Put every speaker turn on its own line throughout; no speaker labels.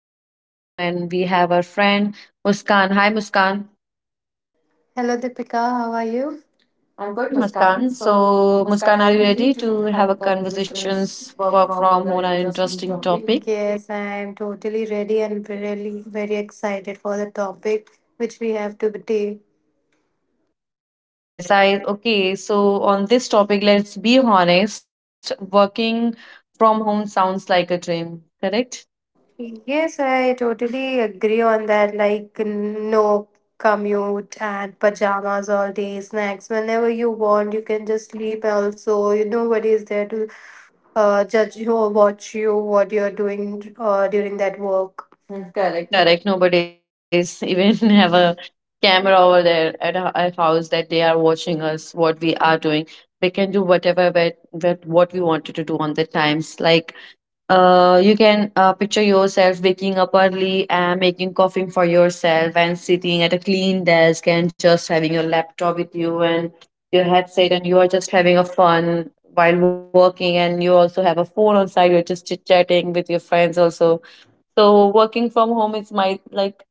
work from home, and we have our friend Muskan. Hi, Muskan.
Hello, Deepika. How are you? I'm
I'm
good,
good,
Muskan.
Muskan.
So,
So,
Muskan,
Muskan,
are
are
you
you
ready
ready
to
to
have a
have a
conversations
conversations
work
work
from home
from
on an
home an
interesting
interesting
topic?
topic?
Yes, I am totally ready and really very excited for the topic which we have to today.
Yes, I okay. So on this topic, let's be honest. Working from home sounds like a dream, correct?
Yes, I totally agree on that. Like, no commute and pajamas all day, snacks whenever you want. You can just sleep also. You nobody is there to judge you watch you what you're doing during that work. Mm,
Mm,
correct.
correct. Nobody's even have a camera over there at our house that they are watching us, what we are doing. We can do whatever what we wanted to do on the times. Like, you can picture yourself waking up early and making coffee for yourself and sitting at a clean desk and just having your laptop with you and your headset and you are just having a fun while working and you also have a phone on side. You're just chit chatting with your friends also, so working from home is my like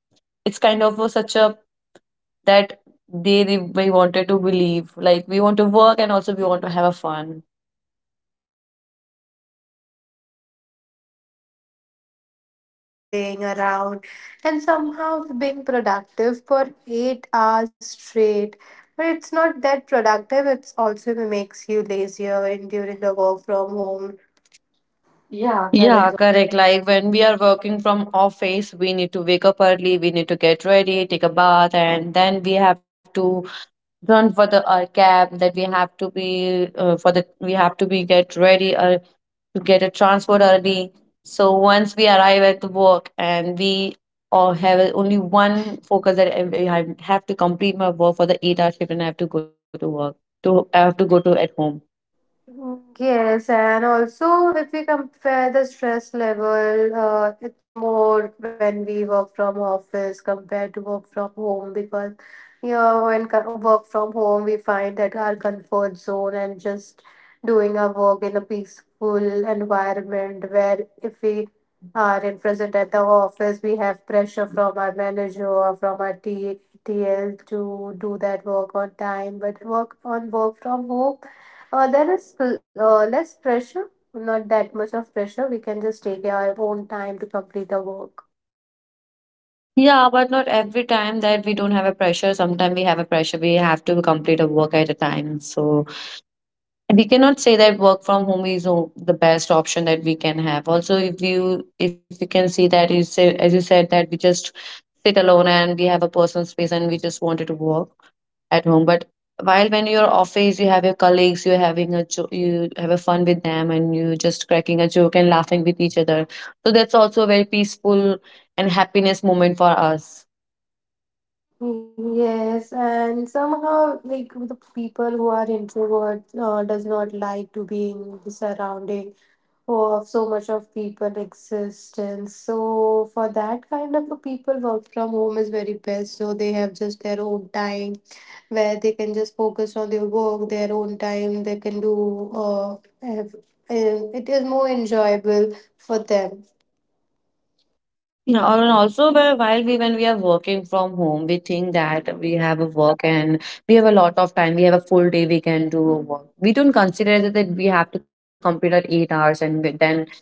it's such a that we wanted to believe like we want to work and also we want to have a fun.
Yes, and with sunlight coming in, lo-fi music playing around, and somehow being productive for 8 hours straight. But it's not that productive. It's also makes you lazier in during the work from home. Yeah,
Yeah,
correct.
correct. Like when we are working from office, we need to wake up early, we need to get ready, take a bath, and then we have to run for the our cab that we have to be for the we have to be get ready or to get a transport early, so once we arrive at the work and we or only one focus that I have to complete my work for the eight-hour shift and I have to go to work to I have to go to at home.
Yes, and also if we compare the stress level, it's more when we work from office compared to work from home because you know when work from home we find that our comfort zone and just doing our work in a peaceful environment where if we are in present at the office we have pressure from our manager or from our TTL to do that work on time, but work on work from home there is less pressure, not that much of pressure. We can just take our own time to complete the work.
Yeah, but not every time that we don't have a pressure. Sometimes we have a pressure, we have to complete a work at a time, so we cannot say that work from home is the best option that we can have. Also if you, if you can see that you say, as you said, that we just sit alone and we have a personal space and we just wanted to work at home, but while when you're office you have your colleagues, you're having a you have a fun with them and you just cracking a joke and laughing with each other, so that's also a very peaceful and happiness moment for us.
Yes, and somehow, like the people who are introvert, does not like to be in the surrounding of so much of people existence. So for that kind of a people, work from home is very best. So they have just their own time where they can just focus on their work, their own time, they can do, have, and it is more enjoyable for them.
You know, and also where while we when we are working from home, we think that we have a work and we have a lot of time. We have a full day we can do work. We don't consider that that we have to complete our eight hours and then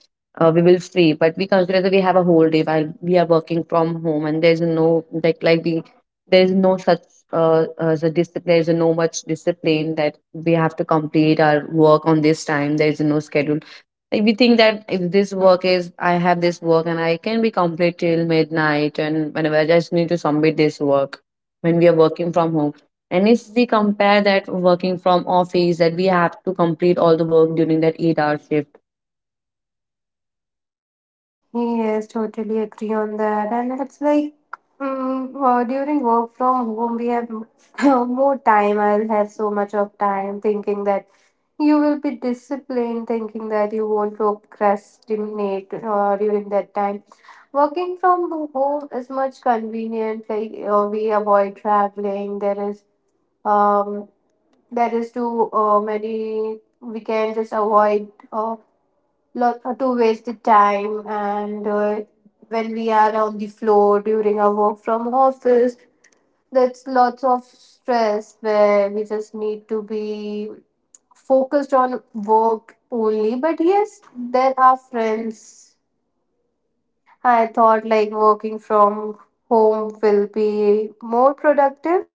we will free. But we consider that we have a whole day while we are working from home, and there's no like like we there's no such as a dis there's no much discipline that we have to complete our work on this time. There's no schedule, like we think that if this work is, I have this work and I can be complete till midnight and whenever I just need to submit this work when we are working from home. And if we compare that working from office, that we have to complete all the work during that eight-hour shift.
Yes, totally agree on that. And it's like during work from home, we have more time. I'll have so much of time thinking that you will be disciplined, thinking that you won't procrastinate during that time. Working from home is much convenient. Like we avoid traveling. There is um there is too many. We can just avoid lot to waste the time and when we are on the floor during our work from office, that's lots of stress where we just need to be focused on work only. But yes, there are friends. I thought like working from home will be more productive.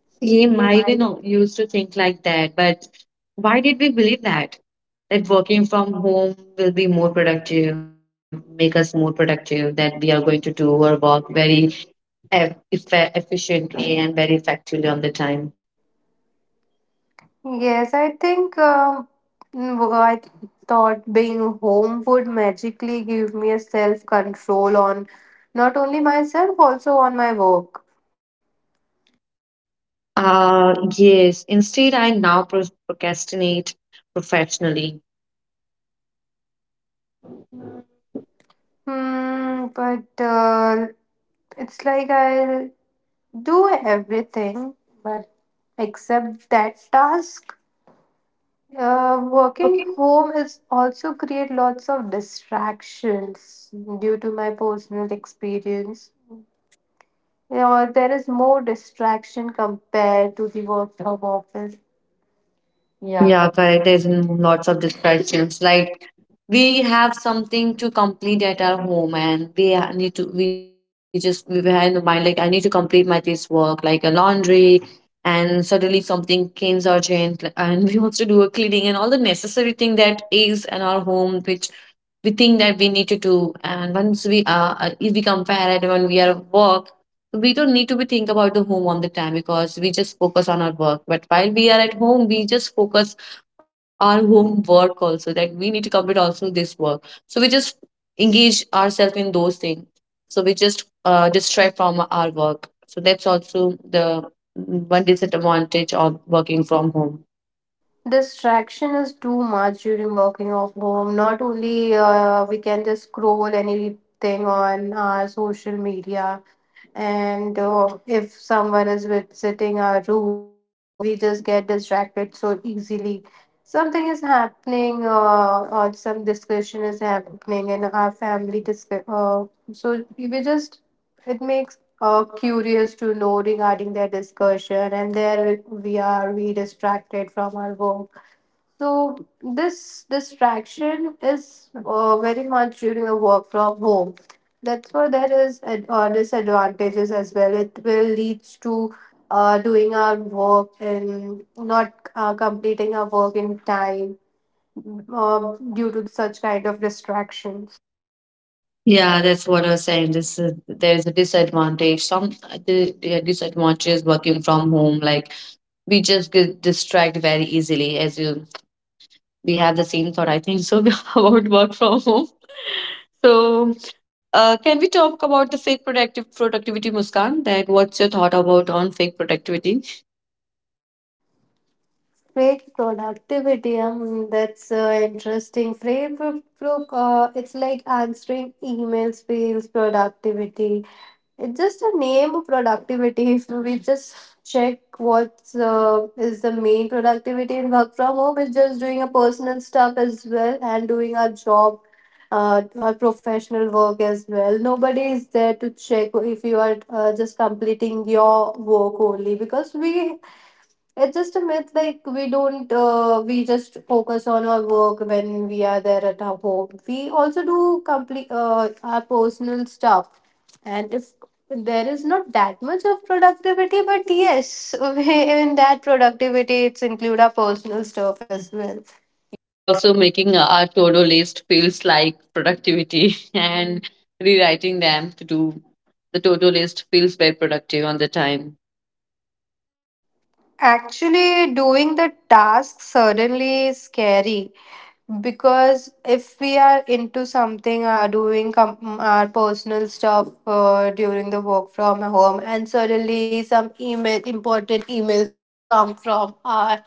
Same,
Same, I
I
even used to think like that, but why did we believe that? That working from home will be more productive, make us more productive, that we are going to do our work very efficiently and very effectively on the time.
yes, I think well, thought being home would magically give me a self control on not only myself, also on my work.
Yes, instead, I now procrastinate professionally.
Hmm, but it's like I'll do everything, but except that task. Working
Working?
home is also create lots of distractions due to my personal experience. You know, there is more distraction compared to the work from office. Yeah,
Yeah,
correct.
correct. There's lots of distractions like we have something to complete at our home and we ha- need to we just we were in the mind like I need to complete my this work like a laundry and suddenly something came urgent like- and we also do a cleaning and all the necessary thing that is in our home which we think that we need to do, and once we are if we compare it when we are at work, we don't need to be think about the home on the time because we just focus on our work, but while we are at home we just focus our home work also that we need to complete also this work, so we just engage ourselves in those things, so we just distract from our work, so that's also the one disadvantage of working from home.
Distraction is too much during working off home. Not only we can just scroll anything on our social media, and if someone is visiting our room we just get distracted so easily something is happening or some discussion is happening in our family disc. So we just it makes curious to know regarding their discussion and there we distracted from our work so this distraction is very much during a work from home. That's why there is disadvantages as well. It will leads to doing our work and not completing our work in time due to such kind of distractions.
Yeah, that's what I was saying. This is, there is a disadvantage. Some the disadvantage is working from home. Like we just get distracted very easily. As you, we have the same thought. I think so about work from home. So, can we talk about the fake productive productivity, Muskan? That what's your thought about on fake productivity?
Fake productivity. I mean, that's interesting. It's like answering emails, fails productivity. It's just a name productivity. If we just check what is the main productivity in work from home, it's just doing a personal stuff as well and doing our job, our professional work as well. Nobody is there to check if you are just completing your work only because we it's just a myth, like we don't, we just focus on our work when we are there at our home. We also do complete our personal stuff, and if there is not that much of productivity, but yes, in that productivity, it's include our personal stuff as well.
Yes, also making our to-do list feels like productivity and rewriting them to do the to-do list feels very productive on the time.
Actually, doing the task suddenly is scary because if we are into something our personal stuff during the work from home and suddenly some email important emails come from our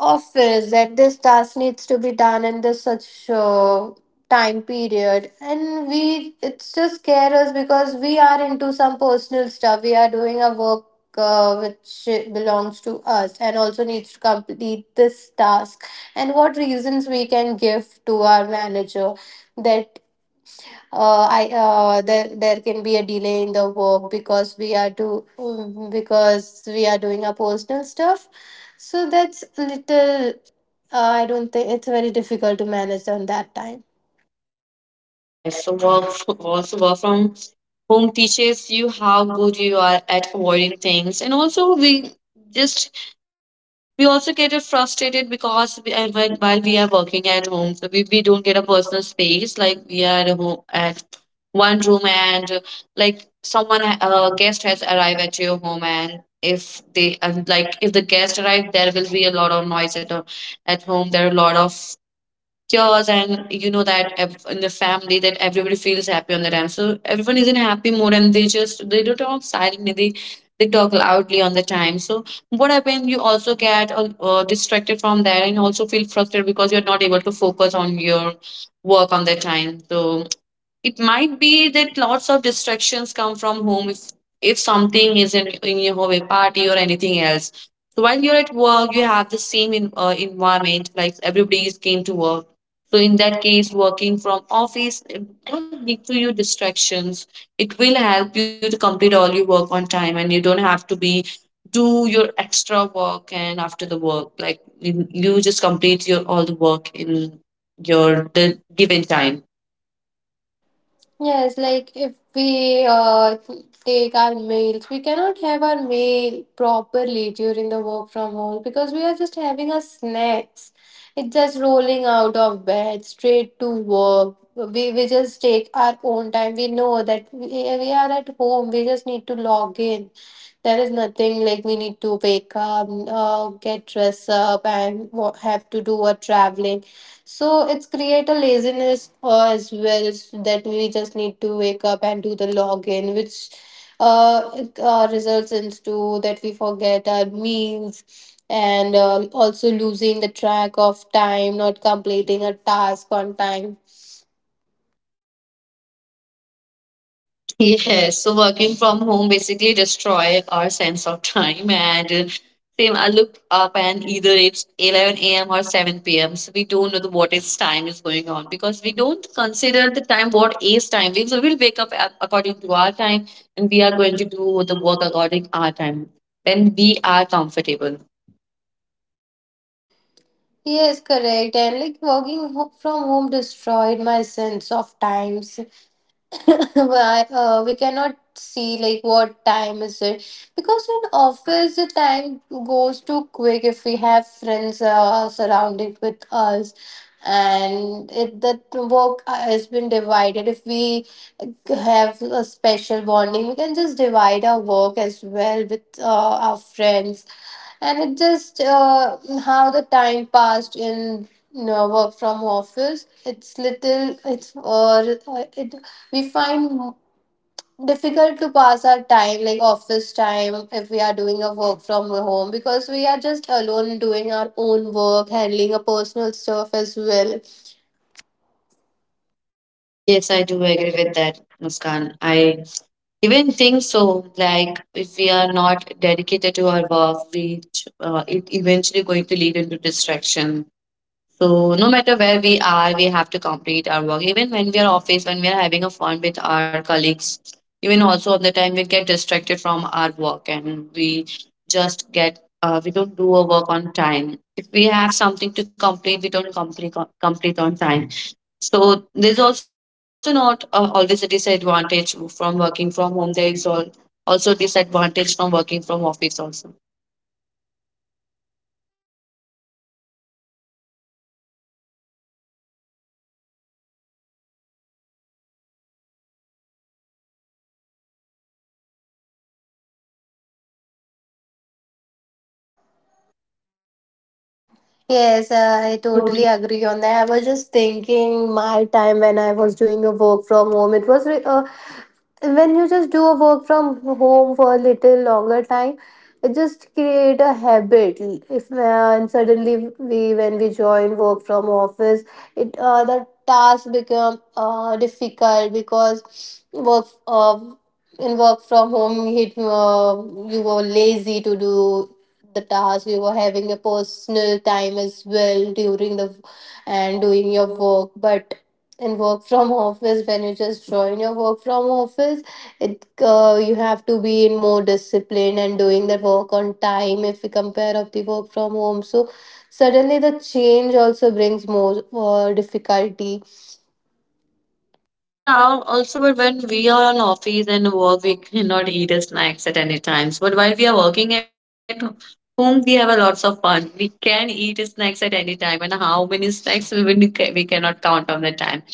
office that this task needs to be done in this such time period and we it's just scare us because we are into some personal stuff we are doing a work which belongs to us and also needs to complete this task and what reasons we can give to our manager that I there can be a delay in the work because we are to because we are doing our personal stuff. So that's little. I don't think it's very difficult to manage on that time.
Yes, work f- also work from home teaches you how good you are at avoiding things, and also we just we also get it frustrated because we, when while we are working at home, so we don't get a personal space like we are at home at one room and like someone a guest has arrived at your home, and if they and like if the guest arrived there will be a lot of noise at home, there are a lot of cures, and you know that in the family that everybody feels happy on the time, so everyone is in happy mood and they just they don't talk silently, they talk loudly on the time, so what happens? You also get distracted from that and also feel frustrated because you're not able to focus on your work on the time, so it might be that lots of distractions come from home if something is in your home a party or anything else, so while you're at work you have the same environment like everybody is came to work, so in that case working from office it don't lead to you distractions, it will help you to complete all your work on time and you don't have to be do your extra work, and after the work like you just complete your all the work in your the given time.
Yes, like if we take our meals, we cannot have our meal properly during the work from home because we are just having our snacks. It's just rolling out of bed straight to work. We just take our own time. We know that we are at home. We just need to log in. There is nothing like we need to wake up, get dressed up, and have to do a traveling. So it's create a laziness as well so that we just need to wake up and do the login, which results into that we forget our meals and also losing the track of time, not completing a task on time.
Yes, so working from home basically destroy our sense of time and same I look up and either it's 11 a.m. or 7 p.m. So we don't know the what is time is going on because we don't consider the time what is time. We so we'll wake up according to our time and we are going to do the work according our time when we are comfortable.
Yes, correct. And like from home destroyed my sense of time. Why, we cannot see like what time is it because in office the time goes too quick if we have friends surrounded with us and it that work has been divided if we have a special bonding. We can just divide our work as well with our friends, and it just how the time passed in you know, work from office. It's little. It's it we find difficult to pass our time like office time if we are doing a work from home because we are just alone doing our own work handling a personal stuff as well.
Yes, I do agree with that, Muskan. I even think so. Like, if we are not dedicated to our work, we it eventually going to lead into distraction. So, no matter where we are, we have to complete our work. Even when we are office, when we are having a fun with our colleagues, even also at the time we get distracted from our work and we just get we don't do our work on time. If we have something to complete, we don't complete on time, so there's also not always a disadvantage from working from home. There is all also disadvantage from working from office also.
Yes,
Sir,
I
I told-
totally agree on that. I was just thinking my time when I was doing a work from home. When you just do a work from home for a little longer time it just create a habit if and suddenly we when we join work from office it the task become difficult because work in work from home you were lazy to do the task you were having a personal time as well during the and doing your work but and work from office when you just join your work from office it you have to be in more discipline and doing the work on time if we compare of the work from home so suddenly the change also brings more difficulty.
Yeah, also but when we are on office and work, we cannot eat a snacks at any times. But while we are working at home, we have a lots of fun. We can eat snacks at any time, and how many snacks we will- we cannot count on the time.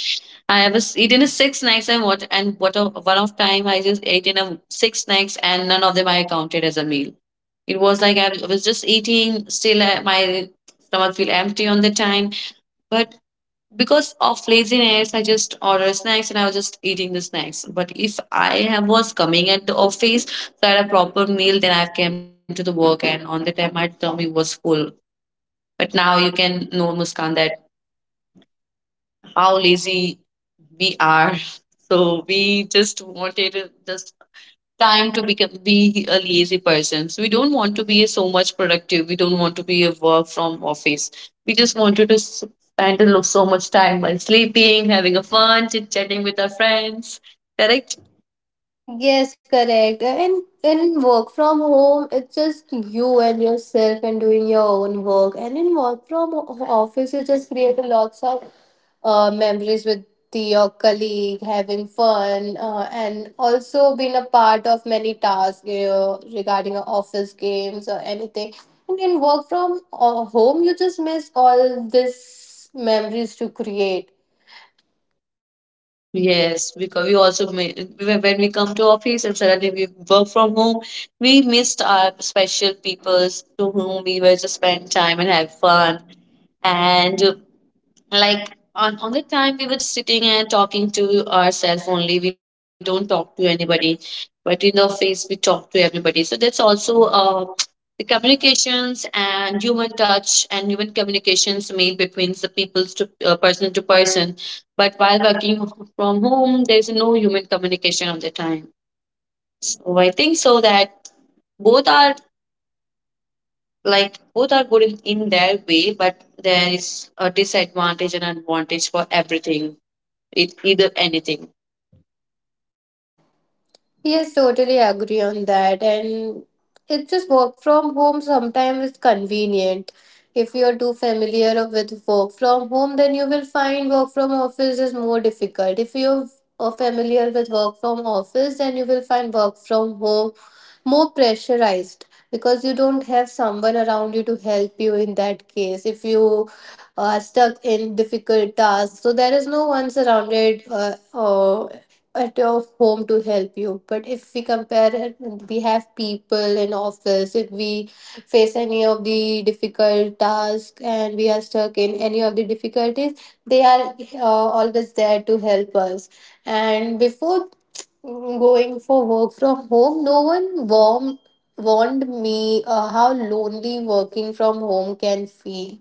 I have a s eaten a six snacks and what a one of time I just ate in a six snacks and none of them I counted as a meal. It was like I was just eating, still my stomach feel empty on the time. But because of laziness, I just order snacks and I was just eating the snacks. But if I have, was coming at the office, so I had a proper meal, then I came to the work and on the time my tummy was full. But now you can know, Muskan, that how lazy we are. So we just wanted to just time to become be a lazy person. So we don't want to be so much productive. We don't want to be a work from office. We just wanted to spend a so much time while sleeping, having a fun, chit chatting with our friends. Correct?
Yes correct and in work from home it's just you and yourself and doing your own work and in work from office you just create a lots of memories with the, your colleague, having fun, and also been a part of many tasks you know, regarding office games or anything. And in work from home, you just miss all this memories to create.
Yes, because we also may, when we come to office and suddenly we work from home, we missed our special peoples to whom we were just spend time and have fun and like on the time we were just sitting and talking to ourselves only we don't talk to anybody but in the office we talk to everybody so that's also the communications and human touch and human communications made between the people to person to person but while working from home there's no human communication on the time so I think so that both are like both are good in their way but there is a disadvantage and advantage for everything it, either anything.
Yes, totally agree on that. And it's just work from home sometimes is convenient. If you're too familiar with work from home, then you will find work from office is more difficult. If you're familiar with work from office, then you will find work from home more pressurized because you don't have someone around you to help you in that case. If you are stuck in difficult tasks, so there is no one surrounded at your home to help you but if we compare it we have people in office if we face any of the difficult tasks and we are stuck in any of the difficulties they are always there to help us and before going for work from home no one warm warned me how lonely working from home can feel.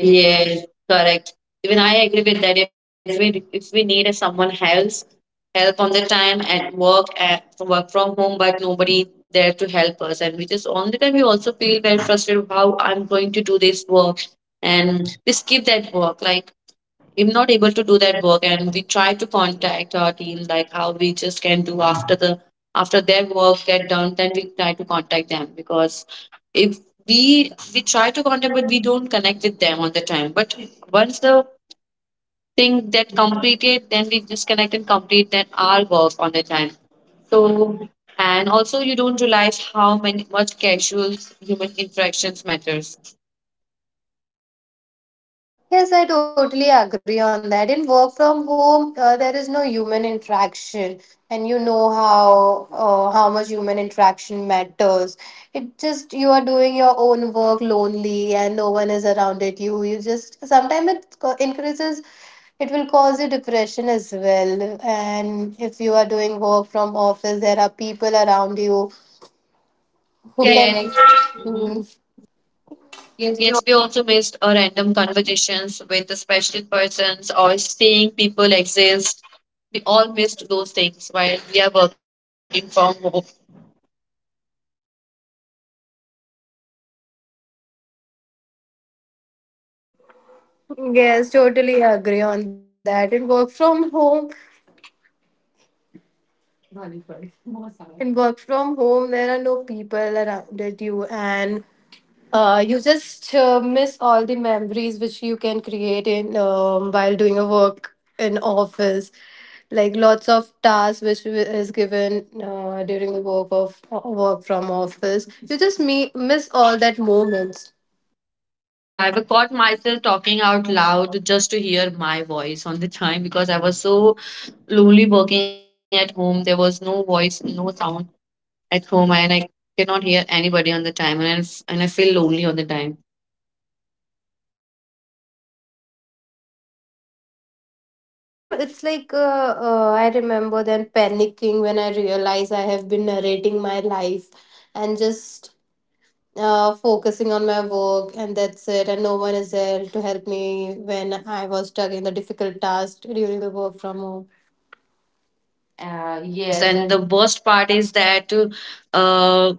Yes, correct. Even I agree with that. If we need a someone else help on the time at work from home, but nobody there to help us, and we just all the time we also feel very frustrated. Of How I'm going to do this work, and we skip that work. Like I'm not able to do that work, and we try to contact our team. Like how we just can do after the after their work get done, then we try to contact them because if we try to contact but we don't connect with them all the time but once the thing that completed then we just connect and complete then our work on the time so and also you don't realize how many much casual human interactions matters.
Yes, I totally agree on that. In work from home, there is no human interaction, and you know how much human interaction matters. It just you are doing your own work lonely, and no one is around it. You just sometimes it increases. It will cause you depression as well. And if you are doing work from office, there are people around you
Who
who
can?
can. Yes,
Yet
mm.
yes, we
Yes, we
also missed a random conversations with the special persons or seeing people exist. We all missed those things while we are working from home.
yes, totally agree on that. In work from home, there are no people around it you, and you just miss all the memories which you can create in while doing a work in office. Like lots of tasks which is given during the work of work from office. You just miss all that moments.
Yeah, I've caught myself talking out loud just to hear my voice on the time because I was so lonely working at home. There was no voice, no sound at home, and I cannot hear anybody on the time, and and I feel lonely on the time.
Yes, correct. And same, it's like I remember then panicking when I realized I have been narrating my life and just focusing on my work and that's it and no one is there to help me when I was stuck in the difficult task during the work from home
Uh, yes,
yes
and
and
the worst part is that uh,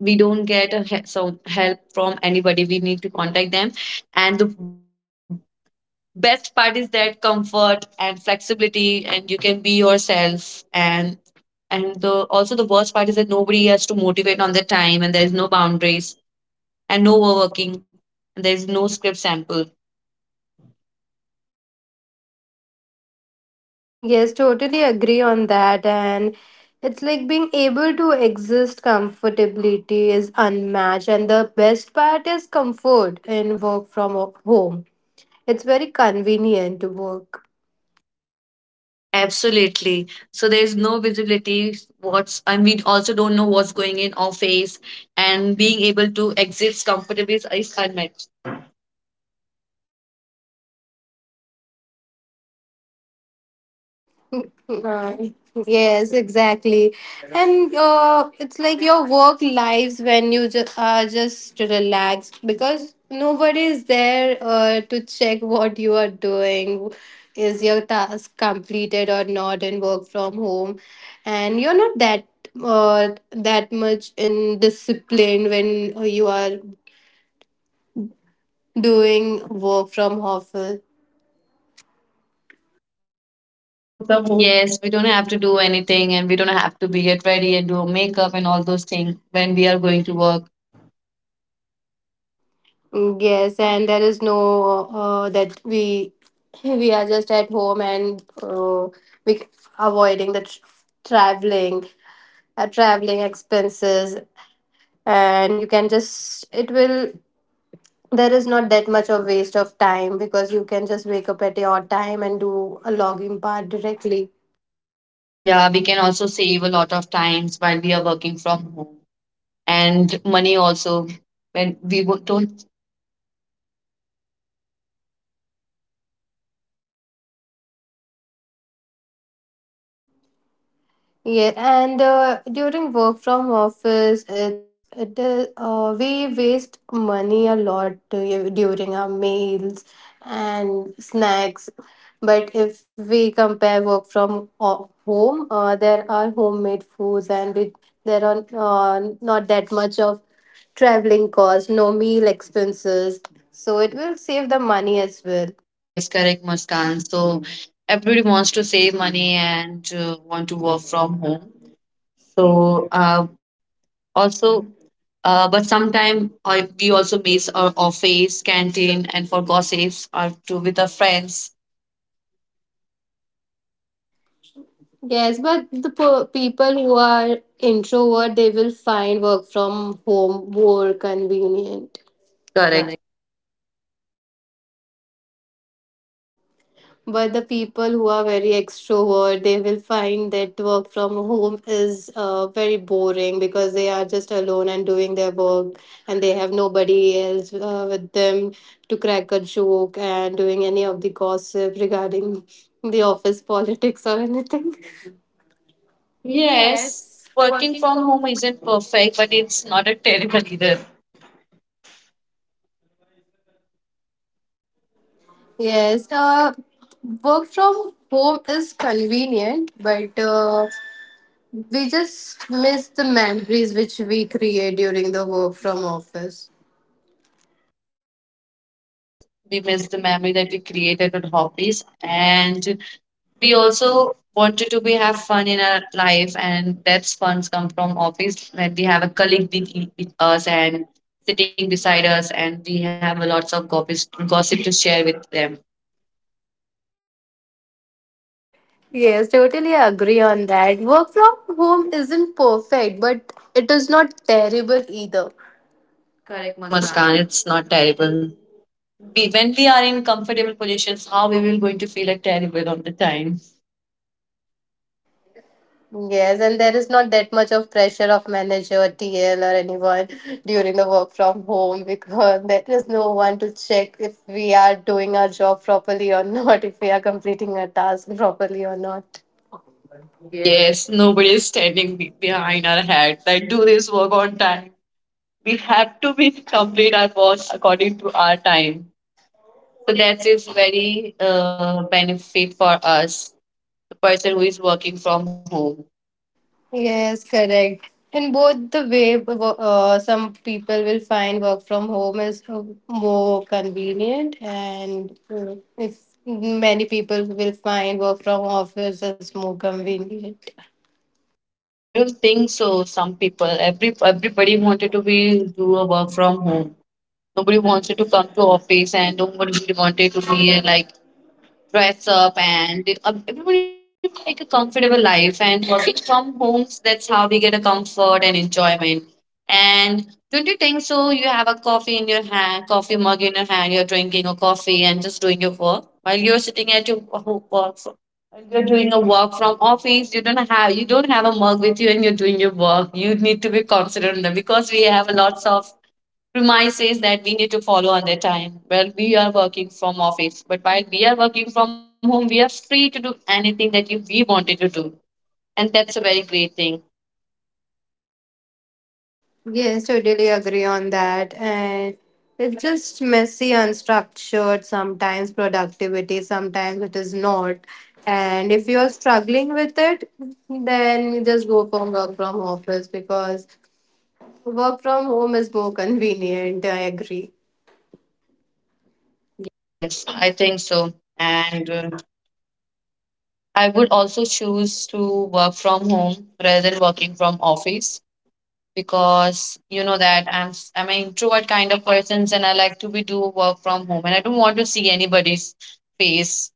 we don't get a some help from anybody. We need to contact them, and the best part is that comfort and flexibility and you can be yourself and the also the worst part is that nobody has to motivate on their time and there is no boundaries and no overworking and there is no script sample.
yes totally agree on that and it's like being able to exist comfortability is unmatched and the best part is comfort in work from home, it's very convenient to work.
Absolutely, so there's no visibility what's and we also don't know what's going in office and being able to exist comfortably is unmet.
Right. Yes, exactly. And it's like your work lives when you are just relaxed because nobody is there to check what you are doing. Is your task completed or not in work from home? And you're not that that much in discipline when you are doing work from office.
Yes, we don't have to do anything and we don't have to be get ready and do makeup and all those things when we are going to work.
Mm, yes, and there is no that we we are just at home and we c- avoiding the tr traveling, traveling expenses, and you can just it will there is not that much of waste of time because you can just wake up at your time and do a login part directly.
Yeah, we can also save a lot of times while we are working from home and money also when we don't.
Yeah, and during work from office, it is we waste money a lot during our meals and snacks. But if we compare work from home, there are homemade foods, and we there are not that much of traveling cost, no meal expenses. So it will save the money as well.
Yes, correct, Muskan. So everybody wants to save money and want to work from home. So also, but sometimes we also miss our office, canteen, and for gossips or to with our friends.
Yes, but the people who are introvert, they will find work from home more convenient. Correct.
Correct.
But the people who are very extrovert, they will find that work from home is very boring because they are just alone and doing their work and they have nobody else with them to crack a joke and doing any of the gossip regarding the office politics or anything.
Yes,
Yes,
working
working
from
from
home
home.
isn't perfect, but it's not a terrible either.
Yes, work from home is convenient, but we just miss the memories which we create during the work from office.
Yes, we miss the memory that we created on hobbies, and we also wanted to be have fun in our life, and that's funs come from office when we have a colleague with, with us and sitting beside us, and we have a lots of gossip to share with them.
Yes, totally agree on that. Work from home isn't perfect, but it is not terrible either. Correct,
Correct,
Muskan.
Muskan. It's not terrible. We, when we are in comfortable positions, how we will going to feel it terrible on the time?
Yes, and there is not that much of pressure of manager, TL, or anyone during the work from home because there is no one to check if we are doing our job properly or not, if we are completing our task properly or not. Yes.
Yes, nobody is standing behind our head. Like do this work on time we have to be complete our wash according to our time. So that is very benefit for us, the person who is working from home.
Yes, correct. In both the way, some people will find work from home is more convenient, and if many people will find work from office is more convenient.
I don't think so. Some people, everybody wanted to be do a work from home. Nobody wanted to come to office, and nobody wanted to be like dress up and everybody would like a comfortable life and working from homes that's how we get a comfort and enjoyment and don't you think so you have a coffee in your hand coffee mug in your hand you're drinking a coffee and just doing your work while you're sitting at your work while you're doing a work from office you don't have a mug with you and you're doing your work you need to be considerate of that because we have a lots of premises that we need to follow on the time. Well, we are working from office, but while we are working from home, we are free to do anything that you, we wanted to do, and that's a very great thing.
Yes, totally agree on that. And it's just messy, unstructured, sometimes productivity, sometimes it is not. And if you are struggling with it, then you just go for work from office because work from home is more convenient. I agree.
Yes, I think so. And I would also choose to work from home rather than working from office because you know that I'm an introvert kind of person and I like to be do work from home and I don't want to see anybody's face.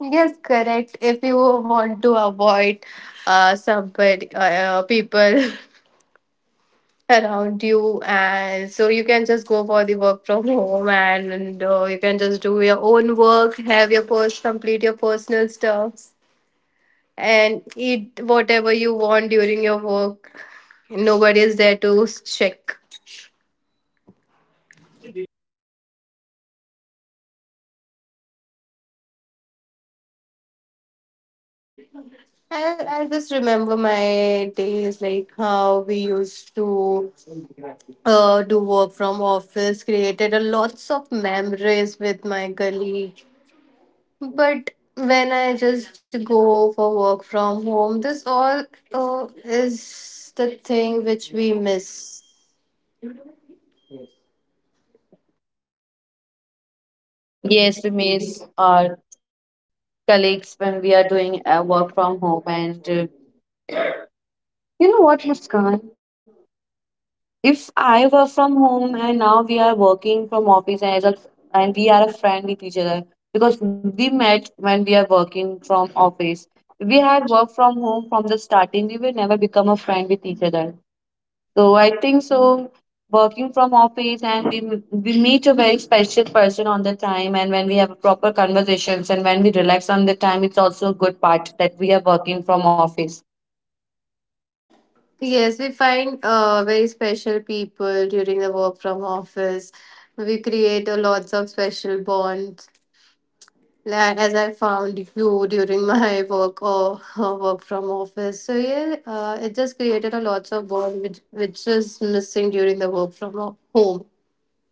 Yes, correct. If you want to avoid somebody, people around you and so you can just go for the work from home and you can just do your own work, have your complete your personal stuffs and eat whatever you want during your work. Nobody is there to check. I just remember my days like how we used to do work from office, created a lots of memories with my colleague. But when I just go for work from home, this all is the thing which we miss.
Yes, we miss our colleagues when we are doing work from home. And you know what, Muskan? If I were from home and now we are working from office and as a and we are a friend with each other because we met when we are working from office. If we had work from home from the starting, we will never become a friend with each other. So I think so. Working from office and we meet a very special person on the time, and when we have proper conversations and when we relax on the time, it's also a good part that we are working from office.
Yes, we find very special people during the work from office. We create a lots of special bonds. As I found you during my work or work from office, so yeah, it just created a lots of bond which is missing during the work from home.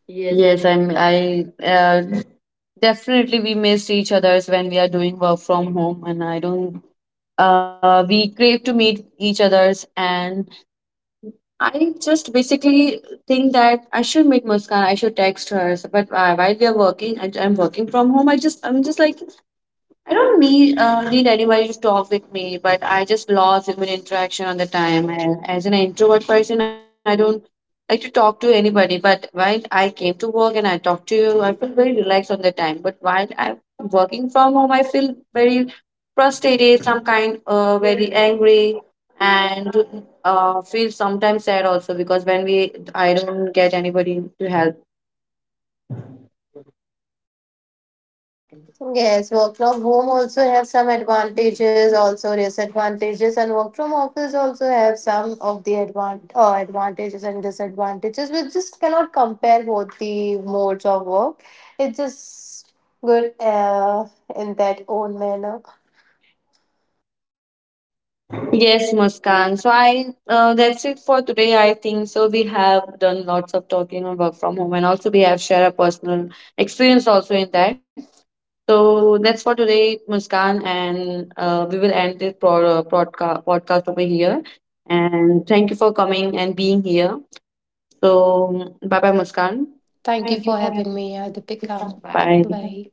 Yes, I.
Yes, I'm. I Definitely we miss each other's when we are doing work from home, and I don't. We crave to meet each other's and I just basically think that I should meet Muskan. I should text her. So- But while we are working, I'm working from home. I'm just like I don't need need anybody to talk with me. But I just lost human interaction on the time. And as an introvert person, I don't like to talk to anybody. But while I came to work and I talked to you, I feel very relaxed on the time. But while I'm working from home, I feel very first, it is some kind very angry and feel sometimes sad also because when we I don't get anybody to help.
Yes, work from home also have some advantages, also disadvantages, and work from office also have some of the advantages and disadvantages. We just cannot compare both the modes of work. It's just good in that own manner.
Yes, Muskan. So I that's it for today. I think so. We have done lots of talking on work from home and also we have shared a personal experience also in that. So that's for today, Muskan, and we will end this podcast over here. And thank you for coming and being here. So, bye bye, Muskan.
Thank you
Thank you
for
for
having
having
me,
us.
Deepika. Bye.
Bye.
Bye.